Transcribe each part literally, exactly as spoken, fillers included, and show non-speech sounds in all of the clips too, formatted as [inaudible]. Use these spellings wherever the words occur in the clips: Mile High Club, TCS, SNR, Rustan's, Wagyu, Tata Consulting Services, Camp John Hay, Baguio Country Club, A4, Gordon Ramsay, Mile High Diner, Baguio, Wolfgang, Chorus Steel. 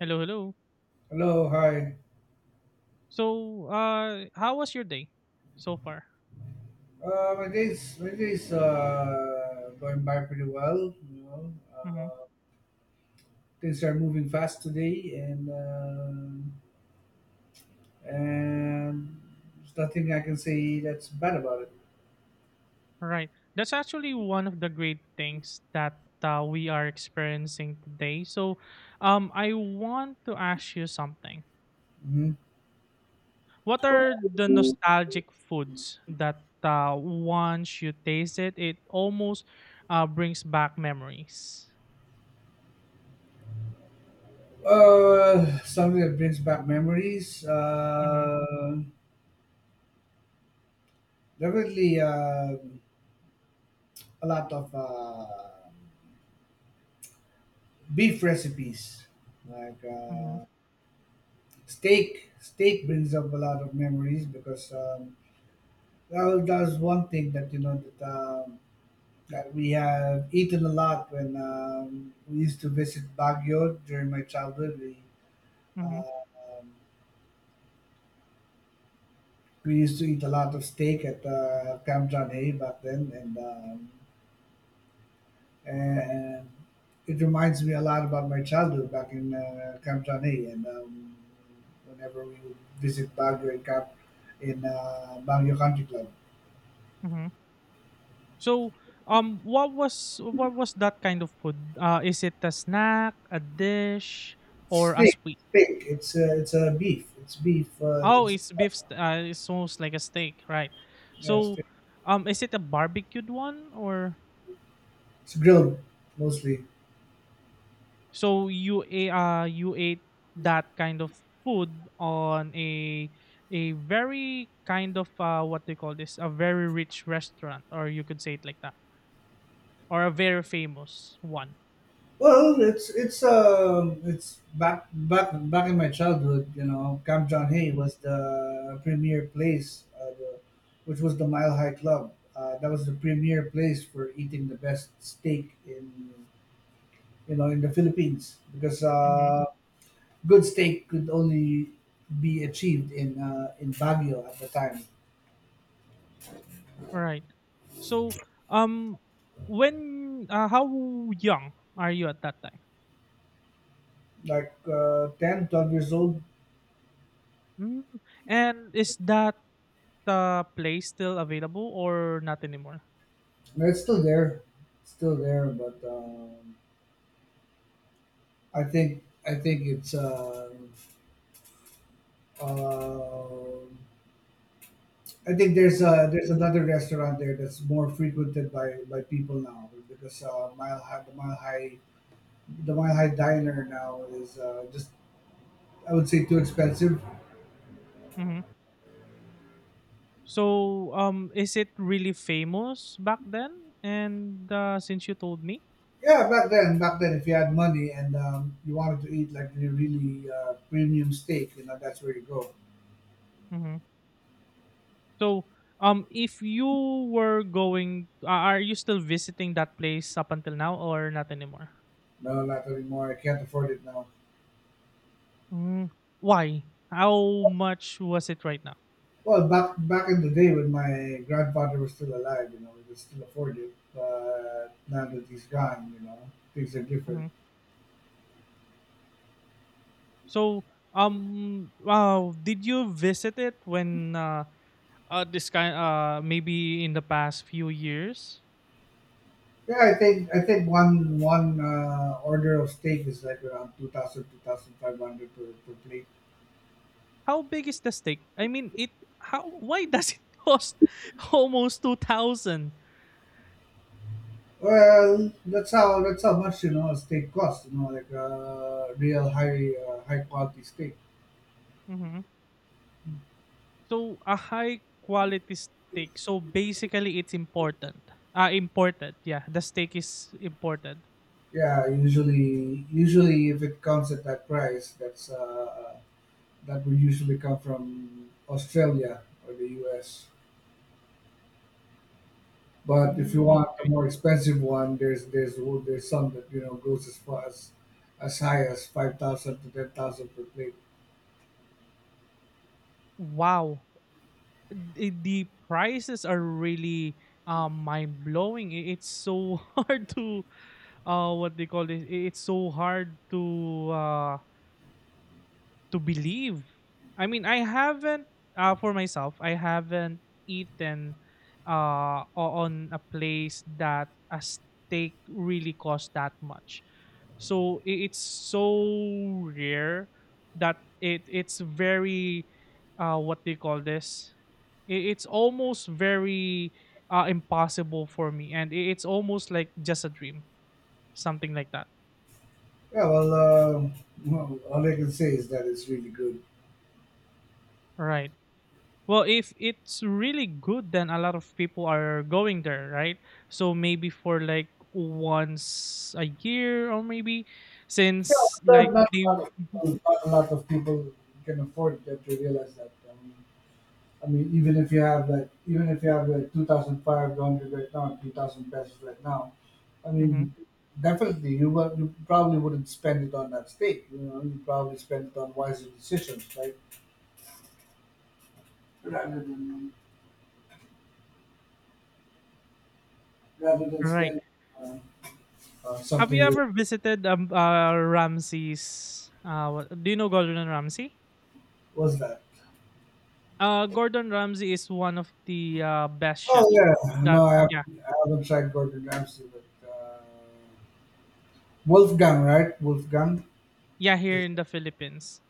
Hello, hello. Hello, hi. So, uh, how was your day so far? Uh, my day's my day's uh, going by pretty well. You know, Mm-hmm. uh, things are moving fast today, and uh, and there's nothing I can say that's bad about it. Right. That's actually one of the great things that uh, we are experiencing today. So, um, I want to ask you something. hmm What are the nostalgic foods that uh, once you taste it, it almost uh, brings back memories? Uh, something that brings back memories. Mm-hmm. Uh, definitely uh, a lot of uh, beef recipes, like Mm-hmm. uh, steak. Steak brings up a lot of memories because. Um, Well, that's one thing that you know that um, that we have eaten a lot when um, we used to visit Baguio during my childhood. We Mm-hmm. uh, um, we used to eat a lot of steak at uh, Camp John Hay back then, and um, and it reminds me a lot about my childhood back in uh, Camp John Hay. And um, Whenever we would visit Baguio and Camp in uh, Baguio Country Club, Mm-hmm. So, um, what was what was that kind of food? Uh, is it a snack, a dish, or a steak, sweet? steak. It's uh, it's a beef. It's beef. Uh, Oh, it's it's beef. St- uh, it's almost like a steak, right? Yeah, So, steak. um, is it a barbecued one, or It's grilled mostly. so you a uh you ate that kind of food on a a very kind of uh what they call this, a very rich restaurant, or you could say it like that, or a very famous one. Well, it's it's um it's back back back in my childhood. You know, Camp John Mhm. Hay was the premier place, uh, the, which was the Mile High Club. Uh, that was the premier place for eating the best steak in you know in the Philippines because uh, good steak could only be achieved in uh, in Baguio at the time. Right. So, um, when uh, how young are you at that time? Like uh, ten, twelve years old. Mm. And is that uh, place still available or not anymore? It's still there, still there, but. Um, I think I think it's um, um I think there's Hmm. uh there's another restaurant there that's more frequented by by people now because uh, Mile High the Mile High the Mile High Diner now is uh, just I would say too expensive. Hmm. So, um, is it really famous back then? And uh, since you told me, Yeah, back then back then if you had money and um, you wanted to eat like really really uh, premium steak, you know that's where you go. mhm. So, um, if you were going, a- are you still visiting that place up until now or not anymore? No, not anymore. I can't afford it now. Mm, why? How much was it right now? Well, back back in the day when my grandfather was still alive, you know, we could still afford it. But now that he's gone, you know, things are different. Hmm. So, um, wow, did you visit it when uh, uh this kind uh maybe in the past few years? Yeah, I think I think one one uh, order of steak is like around two thousand two thousand five hundred per, per plate. How big is the stake? I mean, it how why does it [laughs] cost almost two thousand? Well, that's how that's how much you know a steak costs. You know, like uh, real high uh, high quality steak. Mhm. So a high quality steak. So basically, it's important. Ah, important. Yeah, the steak is important. Yeah, usually usually if it comes at that price, that's uh, that would usually come from Australia or the U S. But if you Mm, want a okay. more expensive one, there's there's there's some that you know goes as far as as high as five thousand to ten thousand per plate. Wow. The, the prices are really um mind blowing. It's so [laughs] hard to uh what they call this. i- It's so hard to uh to believe. I mean, I haven't uh, for myself, I haven't eaten uh o- on a place that a steak really cost that much. So i- it's so rare that it it's very uh what they call this? I- It's almost very uh impossible for me, and i- it's almost like just a dream, something like that. Yeah, well, uh, well, all I can say is that it's really good. Right. Well, if it's really good, then a lot of people are going there, right? So maybe for like once a year or maybe since Not, like not, they a lot of, Not a lot of people can afford that. They realize that. Um, I mean, even if you have like, even if you have like two thousand five hundred right now, two thousand pesos right now, I mhm, mean, definitely you would, you probably wouldn't spend it on that steak. You know, you probably spend it on wiser decisions, right? Rather than rather than right. spend uh, uh, Have you something that ever visited um uh Ramsey's, uh what, do you know Gordon Ramsay? was that. Uh Gordon Ramsay is one of the uh best Oh chefs yeah, that, no, I yeah, haven't, I haven't tried Gordon Ramsay, but uh, Wolfgang, right? Wolfgang. yeah, here in the Philippines.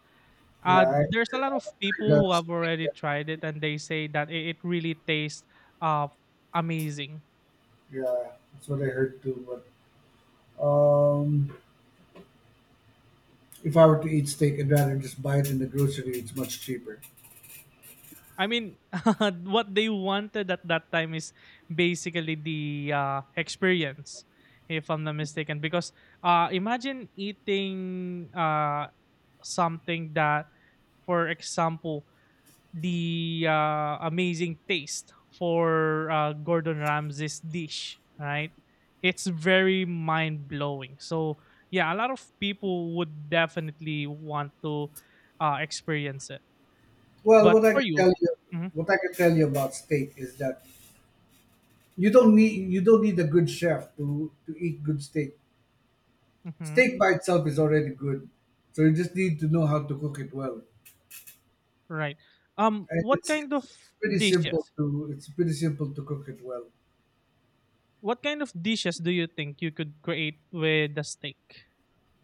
Yeah, Uh, I, there's a lot of people who that's have already tried it and they say that it, it really tastes uh, amazing. yeah, that's what I heard too. Um, if I were to eat steak, I'd rather just buy it in the grocery. It's much cheaper. I mean, [laughs] what they wanted at that time is basically the uh, experience, if I'm not mistaken. Because uh, imagine eating uh, something that, for example, the uh, amazing taste for uh, Gordon Ramsay's dish, right? It's very mind blowing. So, yeah, a lot of people would definitely want to uh, experience it. Well, But what I for can you, tell you, mhm, what I can tell you about steak is that you don't need you don't need a good chef to to eat good steak. mhm, Steak by itself is already good, so you just need to know how to cook it well. right? Um, And what it's kind it's, of it's pretty simple dishes? to it's pretty simple to cook it well. What kind of dishes do you think you could create with the steak?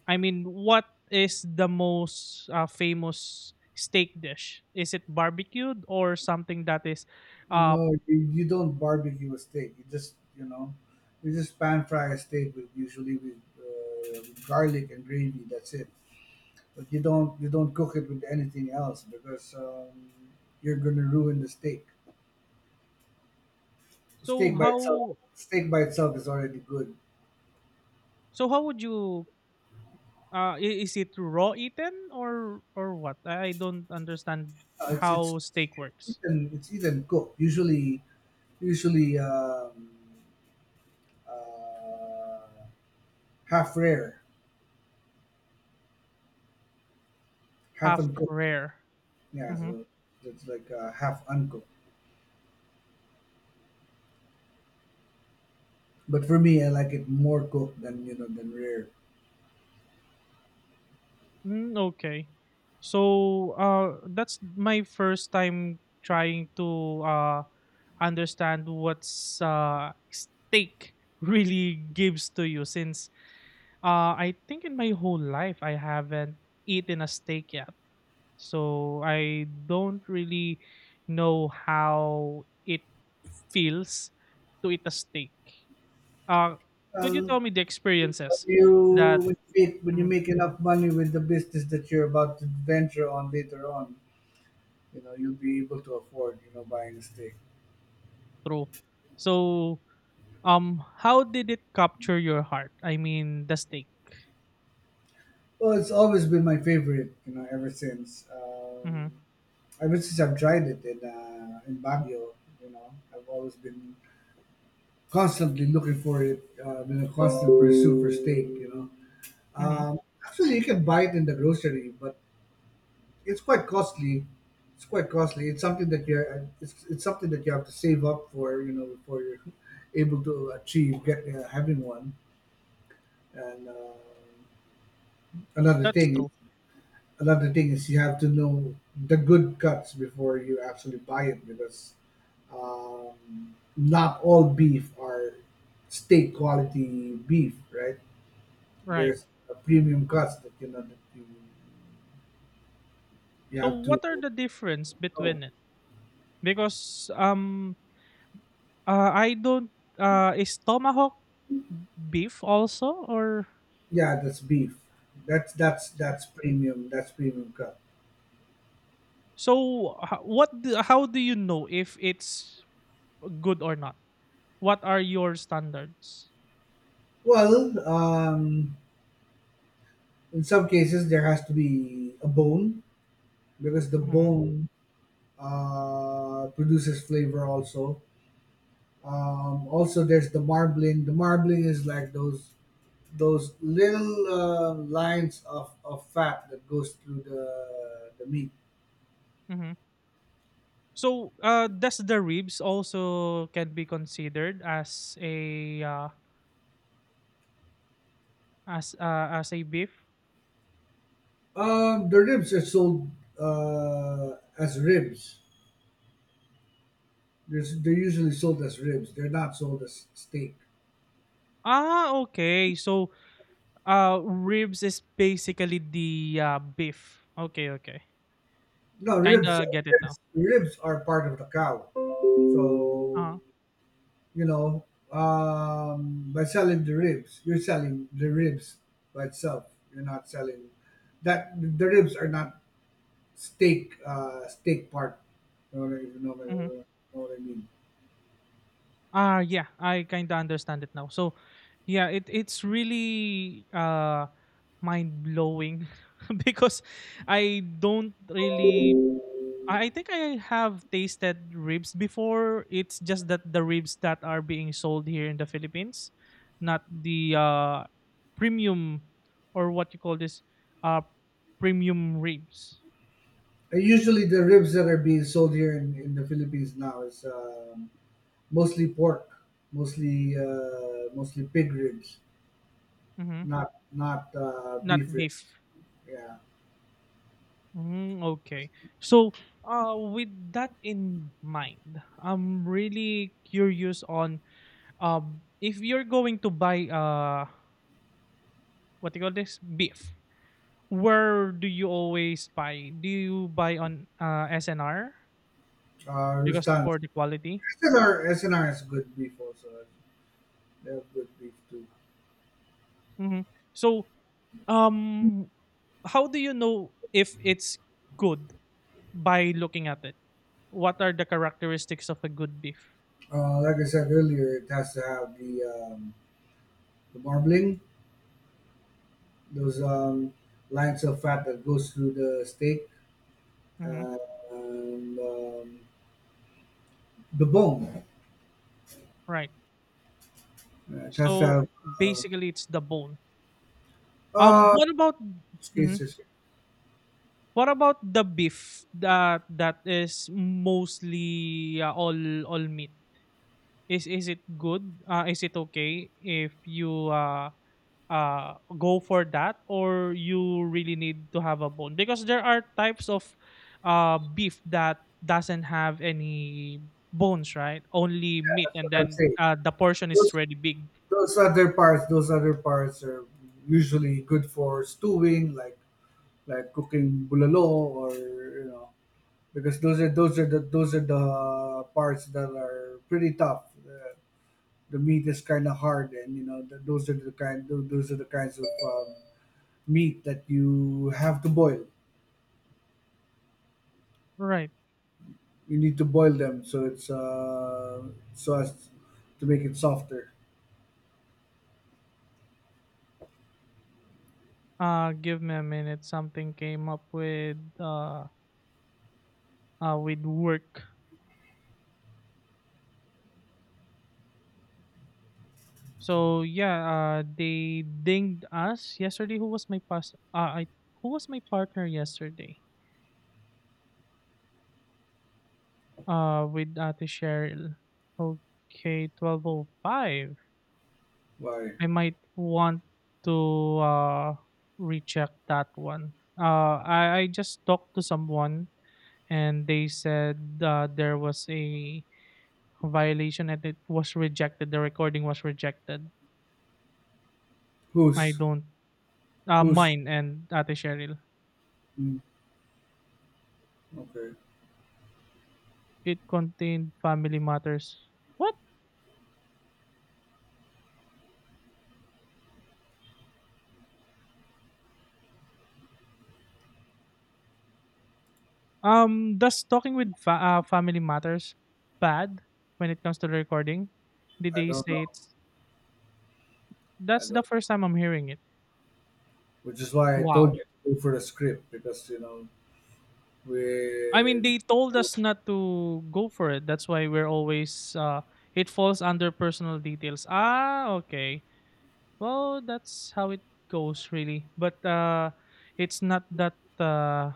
I mean, what is the most uh, famous steak dish? Is it barbecued or something that is uh No, you, you don't barbecue a steak. You just you know, you just pan fry a steak with usually with uh, with garlic and gravy. That's it. But you don't you don't cook it with anything else because um, you're gonna ruin the steak. so Steak by itself, how Steak by itself is already good. so how would you uh i- is it raw eaten or or what? I I don't understand Uh, it's it's how steak it's works. eaten, it's eaten cooked. Usually usually um, uh, half rare, half Half uncooked. rare. Yeah, Mm-hmm. so it's like uh, half uncooked. But for me, I like it more cooked than you know than rare. Mm, okay. So uh, that's my first time trying to uh, understand what's uh, steak [laughs] really gives to you since uh, I think in my whole life I haven't eaten a steak yet. So I don't really know how it feels to eat a steak. Uh, could you Well, tell me the experiences you that will fit when you mm, make enough money with the business that you're about to venture on later on. You know, you'll be able to afford, you know, buying a steak. through? So um, how did it capture your heart? I mean, the steak. Well, it's always been my favorite, you know, ever since. Mm-hmm. Um, ever since I've tried it in uh, in Baguio, you know, I've always been constantly looking for it. Uh, been a constant pursuit for steak, you know. Mm-hmm. Um, actually, you can buy it in the grocery, but it's quite costly. It's quite costly. It's something that you it's, it's something that you have to save up for. You know, before you're [laughs] able to achieve get uh, having one. And uh, another That's thing, true. another thing is you have to know the good cuts before you actually buy it because um, not all beef are steak quality beef, right? Right. There's a premium cuts that you know that you you So, have to what are the difference know. between it? Because um, uh, I don't. Uh, is tomahawk beef also or? Yeah, that's beef. That's that's that's premium. That's premium crab. So, h- what? Do, how do you know if it's good or not? What are your standards? Well, um, in some cases there has to be a bone because the Mm-hmm. bone uh, produces flavor also. Um, also, there's the marbling. The marbling is like those those little uh, lines of, of fat that goes through the the meat. Mm-hmm. So, uh, does the ribs also can be considered as a uh, as uh, as a beef? Um, the ribs are sold uh, as ribs. There's, they're usually sold as ribs. They're not sold as steak. Ah, okay. So, uh, ribs is basically the, uh, beef. Okay, okay. No, ribs, Kinda get it now. ribs, ribs are part of the cow. So Ah, you know, um, by selling the ribs, you're selling the ribs by itself. You're not selling that. The ribs are not steak, uh, steak part. You know, what I- you know, what I- uh mhm. know what I mean. Ah, yeah, I kinda understand it now. So, yeah, it it's really, uh, mind blowing [laughs] because I don't really, I think I have tasted ribs before. It's just that the ribs that are being sold here in the Philippines, not the uh, premium, or what you call this, uh, premium ribs. And usually, the ribs that are being sold here in, in the Philippines now is um, mostly pork, mostly uh, mostly pig ribs. Hmm. not not uh, Not beef ribs. beef. Yeah, Mm, okay. So, uh, with that in mind, I'm really curious on um if you're going to buy uh what do you call this, beef. Where do you always buy? Do you buy on uh S N R uh, because Rustan's. for the quality? S N R, S N R has good beef also. They have good beef too. Mm-hmm. So, um, how do you know if it's good by looking at it? What are the characteristics of a good beef? Uh, like I said earlier, it has to have the um, the marbling, those um, lines of fat that goes through the steak, Mhm. uh, and um, the bone. Right. Uh, it has to So have. Uh, basically, it's the bone. Um, uh, what about mhm. Cases. Yeah, What about the beef that that is mostly uh, all all meat? Is is it good? Uh, is it okay if you uh uh go for that, or you really need to have a bone? Because there are types of uh beef that doesn't have any bones, right, only meat, that's and what I'm then saying. uh the portion is Those really big, those other parts, those other parts are usually good for stewing, like like cooking bulalo or you know because those are those are the those are the parts that are pretty tough. Uh, the meat is kind of hard, and you know th those are the kind tho- those are the kinds of um, meat that you have to boil. right. You need to boil them so it's uh, so as to make it softer. Uh, give me a minute, something came up with uh uh with work. So yeah, uh they dinged us yesterday. Who was my past, uh, I who was my partner yesterday? Uh, with Ate Cheryl. Okay, twelve oh five. Why? I might want to uh recheck that one. Uh, I I just talked to someone and they said uh, there was a violation and it was rejected. The recording was rejected. I Who's don't. Uh, who's? mine and Ate Cheryl. Mm, okay, It contained family matters. What? Um, does talking with fa- uh, family matters bad when it comes to the recording? Did I they don't say know. it's I that's the don't. first time I'm hearing it? Which is why I told Wow. you to go for a script because you know I we. mean, they told us not to go for it. That's why we're always uh, it falls under personal details. Ah, okay. Well, that's how it goes, really. But uh, it's not that uh,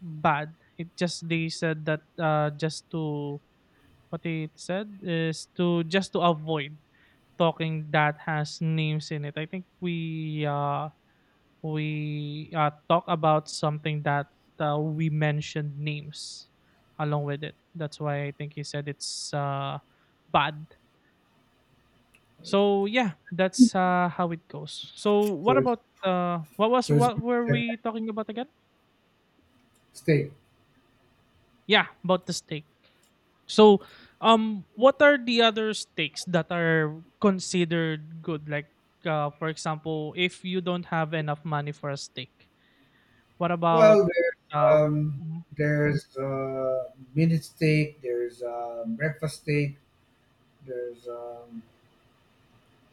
bad. It just they said that uh, just to what they said is to just to avoid talking that has names in it. I think we uh we uh talk about something that uh, we mentioned names along with it. That's why I think he said it's uh bad. So yeah, that's uh how it goes. So So what it's. about uh what was So it's what been were checked we talking about again? at steak. Yeah, about the steak. So um, what are the other steaks that are considered good, like uh, for example, if you don't have enough money for a steak, what about Well, there's um, um, mhm. there's uh, minute steak. There's uh, breakfast steak. There's um,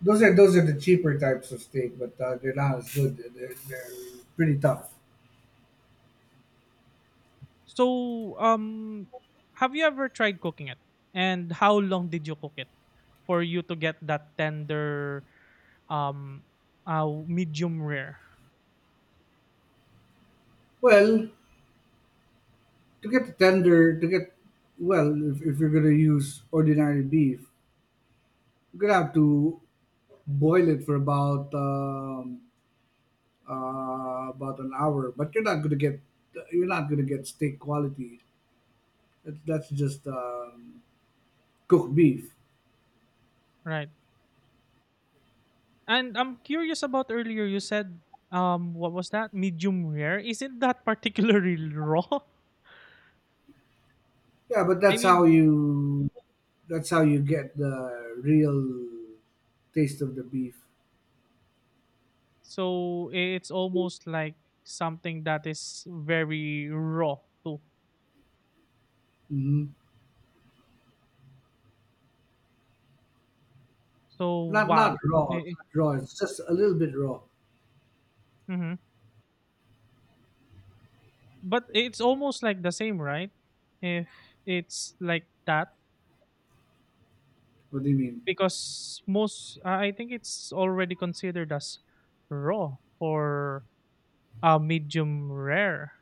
those are those are the cheaper types of steak, but uh, they're not as good. They're, they're they're pretty tough. So um, have you ever tried cooking it? And how long did you cook it for you to get that tender um uh medium rare? Well, to get the tender, to get well, if, if you're gonna use ordinary beef, you're gonna have to boil it for about um, uh, about an hour. But you're not gonna get you're not gonna get steak quality. That- That's just um, cooked beef. Right. And I'm curious about earlier you said um what was that? Medium rare? Isn't that particularly [laughs] raw? Yeah, but I that's how mean, you that's how you get the real taste of the beef. so it's almost like something that is very raw too. hmm So Not not wow. raw, Eh, eh, Not raw. It's just a little bit raw. mhm. But it's almost like the same, right? If it's like that, What do you mean? because most, I I think it's already considered as raw or uh, medium rare.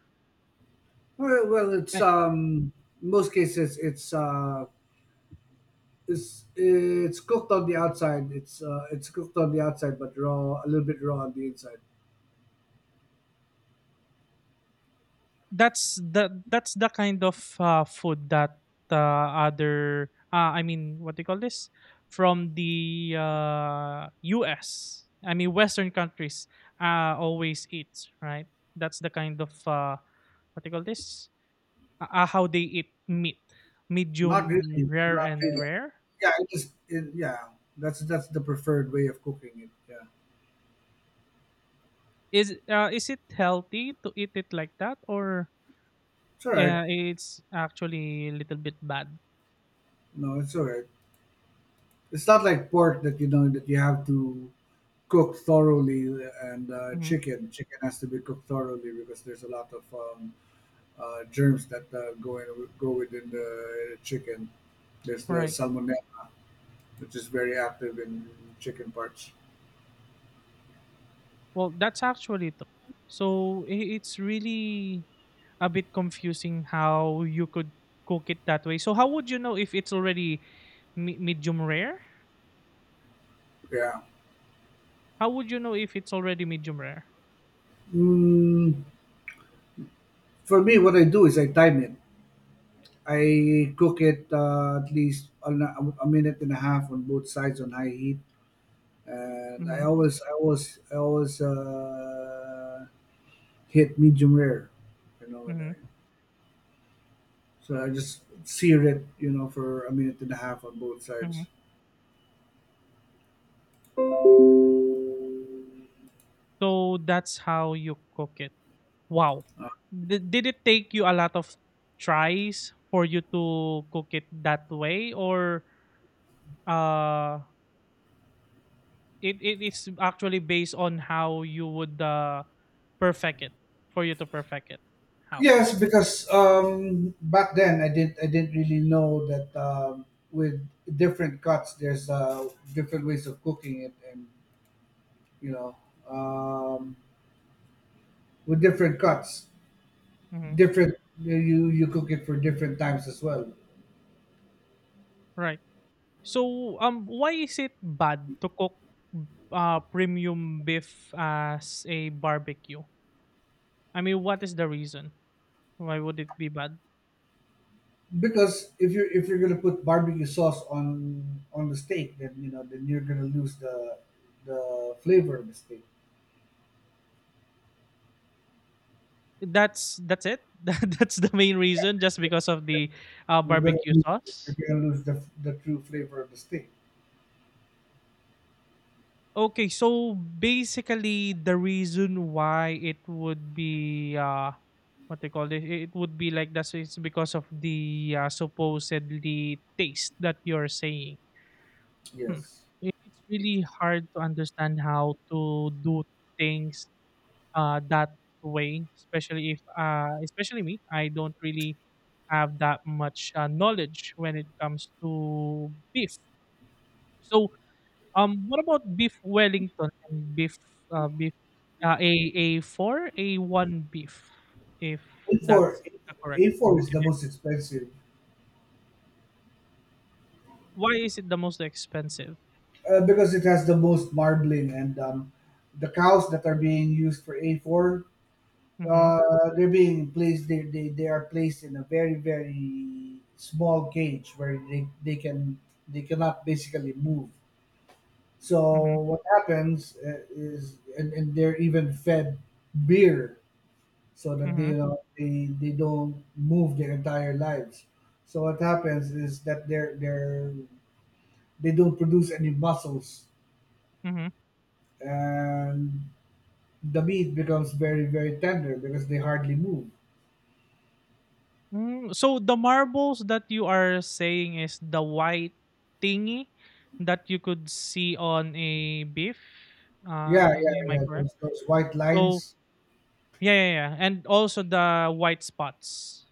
Well, well it's um in most cases it's uh it's it's cooked on the outside. It's uh, it's cooked on the outside, but raw a little bit raw on the inside. That's the that's the kind of uh, food that uh, other uh, I mean what do you call this, from the uh, U S, I mean Western countries, uh, always eat, right? That's the kind of uh, what do you call this, uh, uh, how they eat meat, Not medium really, rare Not and really. rare. Yeah, it just it, yeah. That's that's the preferred way of cooking it. Yeah. Is uh, is it healthy to eat it like that, or It's all right. yeah it's actually a little bit bad? No, it's all right. It's not like pork that you know that you have to cook thoroughly, and uh, Mhm. chicken. Chicken has to be cooked thoroughly because there's a lot of um, uh, germs that uh, go in, go within the chicken. There's the Right. salmonella, which is very active in chicken parts. Well, that's actually it. So i- it's really a bit confusing how you could cook it that way. So how would you know if it's already me- medium rare? Yeah. How would you know if it's already medium rare? Mm, for me, what I do is I time it. I cook it uh, at least a, a minute and a half on both sides on high heat, and I Mm-hmm, always, I always, I always uh, hit medium rare, you know, and mm-hmm, I, so I just seared it, you know, for a minute and a half on both mm-hmm. sides. So that's how you cook it. Wow. Uh, D- did it take you a lot of tries for you to cook it that way, or uh it, it is actually based on how you would uh, perfect it for you to perfect it. How? yes, because um, back then I did, I didn't really know that um, with different cuts, there's uh, different ways of cooking it, and you know, um, with different cuts, Hmm. different you you cook it for different times as well. Right. So um, why is it bad to cook uh, premium beef as a barbecue? I mean, what is the reason? Why would it be bad? Because if you're if you're gonna put barbecue sauce on on the steak, then you know then you're gonna lose the the flavor of the steak. That's that's it. [laughs] That's the main reason, just because of the uh, You're gonna barbecue lose, you're sauce. gonna lose the, the true flavor of the steak. Okay, so basically the reason why it would be uh what they call this, it would be like that's it's because of the uh, supposedly taste that you're saying. Hmm. Yes, It's really hard to understand how to do things uh, that way, especially if, uh, especially me, I don't really have that much uh, knowledge when it comes to beef. So, um, what about beef Wellington and beef, uh, beef, uh, a a four, a one beef, if A four that's correct? A four is the most expensive Why is it the most expensive? uh, because it has the most marbling and um, the cows that are being used for A four. Mm-hmm. Uh, they're being placed. They, they they are placed in a very very small cage where they, they can they cannot basically move. Mm-hmm. So what happens uh, is, and, and they're even fed beer so that they Mm-hmm. don't they, they don't move their entire lives. So what happens is that they're they're they don't produce any muscles, Mm-hmm. and the meat becomes very very tender because they hardly move. Mm, so the marbles that you are saying is the white thingy that you could see on a beef. Uh, Yeah, yeah, Am I yeah. correct? Those those white So lines. yeah, yeah, yeah, and also the white spots.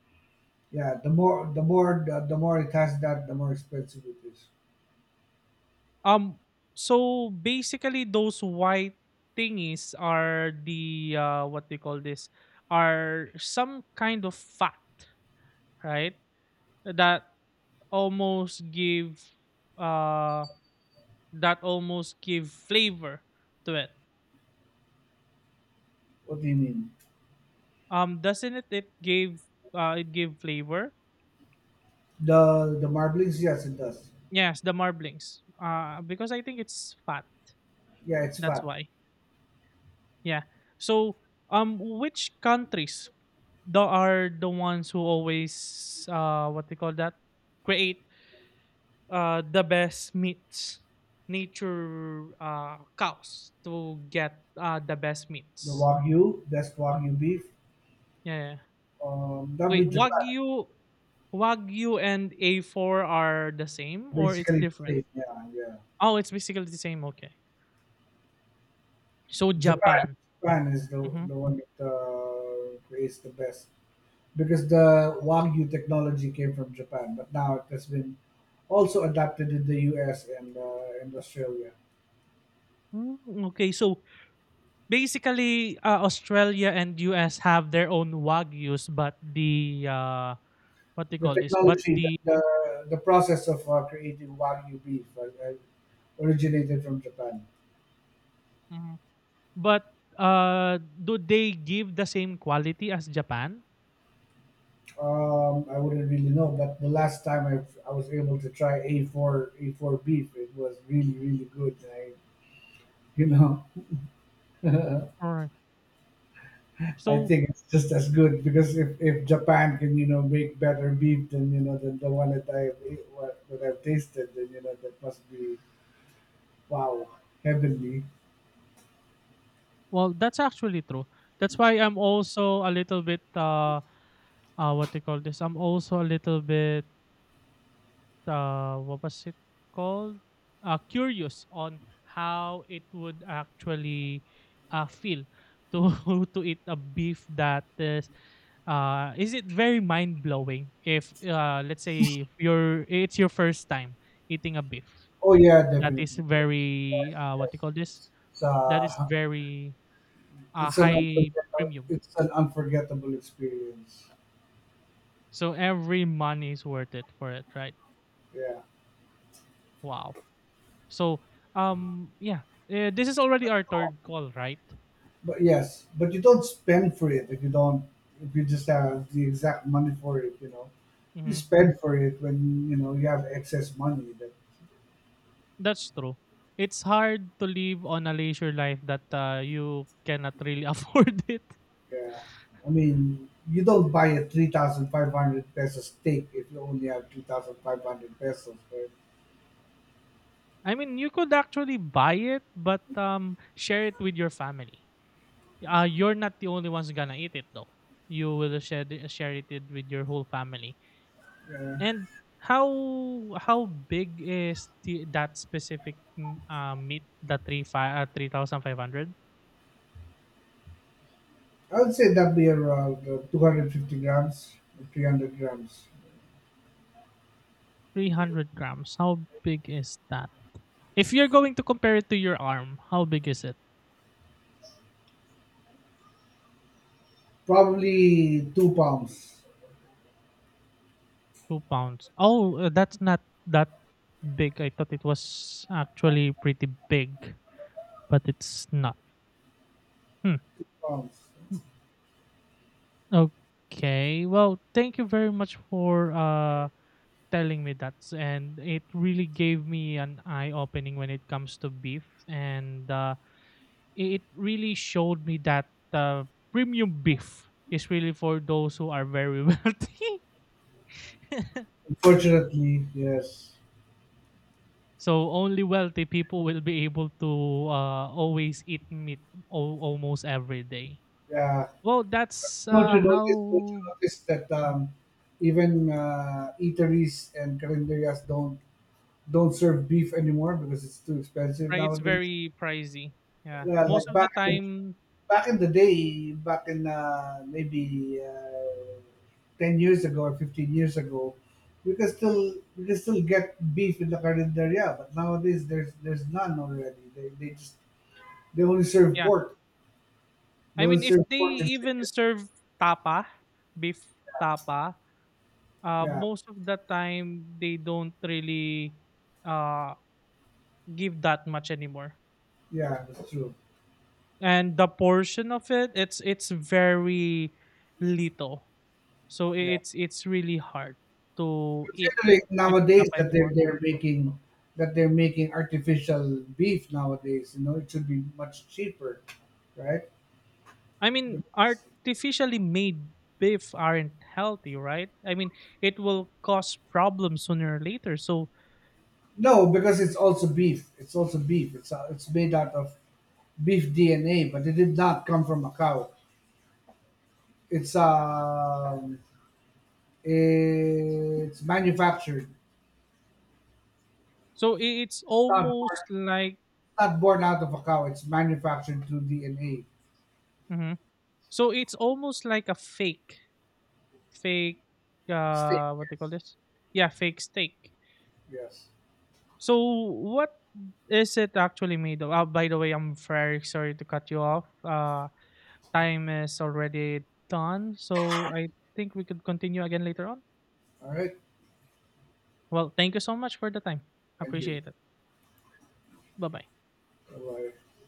Yeah, the more the more the, the more it has that, the more expensive it is. Um, so basically those white thingies are the uh, what they call this, are some kind of fat, right? That almost give uh that almost give flavor to it. What do you mean? Um doesn't it it gave uh It gave flavor. The the marblings, yes, it does. Yes, the marblings, uh because I think it's fat, Yeah, it's that's fat. why. Yeah. So um, which countries the are the ones who always uh what they call that create uh the best meats, nature uh cows to get uh the best The meats. Wagyu, that's Wagyu beef. Yeah, yeah. Um, that would wait be Japan, wagyu wagyu and A four are the same, or it's basically the different? same. Yeah, yeah. Oh, it's basically the same, okay. So Japan, Japan. Japan is the, Mhm. the one that uh, creates the best because the Wagyu technology came from Japan, but now it has been also adapted in the U S and uh, and Australia. Hmm, Mm, okay, so basically, uh, Australia and U S have their own wagyus, but the uh, what they The call this? But technology, the the the, the process of uh, creating Wagyu beef uh, uh, originated from Japan. mhm. But uh, do they give the same quality as Japan? Um, I wouldn't really know, but the last time I, I was able to try A four A four beef, it was really really good. I, you know, Alright. [laughs] I So, think it's just as good because if, if Japan can you know make better beef than you know than the one that I have ate- what that I've tasted, then you know that must be, wow, heavenly. well, that's actually true. That's why I'm also a little bit uh, uh what they call this? I'm also a little bit uh, what was it called? Uh, curious on how it would actually uh, feel to [laughs] to eat a beef that is uh, is it very mind blowing if uh, let's say if you're it's your first time eating a beef Oh yeah, that is definitely. Yes, very yes, uh, what do you call this, yes. It's, that is uh, very uh, it's an high unforgettable, premium? it's an unforgettable experience. So every money is worth it for it, right? Yeah. Wow. So um yeah uh, this is already our third call, right? But yes, but you don't spend for it if you don't if you just have the exact money for it, you know. You Mhm. spend for it when you know you have excess money. That That's true. It's hard to live on a leisure life that uh, you cannot really [laughs] afford it. yeah, I mean you don't buy a three thousand five hundred peso steak if you only have two thousand five hundred pesos. Right? I mean, you could actually buy it, but um, share it with your family. Uh, you're not the only ones gonna eat it though. You will share the- share it with your whole family. Yeah, And how how big is the, that specific mm, uh, meat? The three five uh, three thousand five hundred. I would say that'd be around uh, two hundred fifty grams, three hundred grams, three hundred grams. How big is that? If you're going to compare it to your arm, how big is it? probably two pounds. two pounds. Oh, uh, that's not that big. I thought it was actually pretty big, but it's not. Hmm. Two pounds. Okay. Well, thank you very much for uh telling me that, and it really gave me an eye opening when it comes to beef. And uh it really showed me that uh, premium beef is really for those who are very [laughs] wealthy. [laughs] Unfortunately, yes. So only wealthy people will be able to uh, always eat meat al- almost every day. Yeah. Well, that's Don't uh, you notice? Don't you how. notice that um, even uh, eateries and calendarias don't don't serve beef anymore because it's too expensive Right. It's nowadays. very pricey. Yeah, Yeah, like most of the back in the, time. back in the day, back in uh, maybe uh, ten years ago or fifteen years ago, you can still you can still get beef in the carinderia, but nowadays there's there's none already. They, they just they only serve Yeah, pork. They I mean, only if serve they pork and even chicken. serve tapa, beef tapa, uh, Yeah, most of the time they don't really uh, give that much anymore. yeah, that's true. And the portion of it, it's it's very little. So Yeah. it's it's really hard to eat Considering beef nowadays tapa that they're anymore. they're making that they're making artificial beef nowadays, you know, it should be much cheaper, right? I But, mean, artificially made beef aren't healthy, right? I mean, it will cause problems sooner or later. So no, because it's also beef. It's also beef. It's uh, it's made out of beef D N A, but it did not come from a cow. It's um, it's manufactured. so i- it's It's not born, almost like it's not born out of a cow. It's manufactured through D N A. mhm. So it's almost like a fake fake Steak, uh what they call yes, this? Yeah, fake steak. yes. So what is it actually made of? Oh, by the way, I'm very sorry to cut you off. Uh time is already done. So I think we could continue again later on. All right. Well, thank you so much for the time. Thank you. Appreciate it. Bye bye. Bye bye.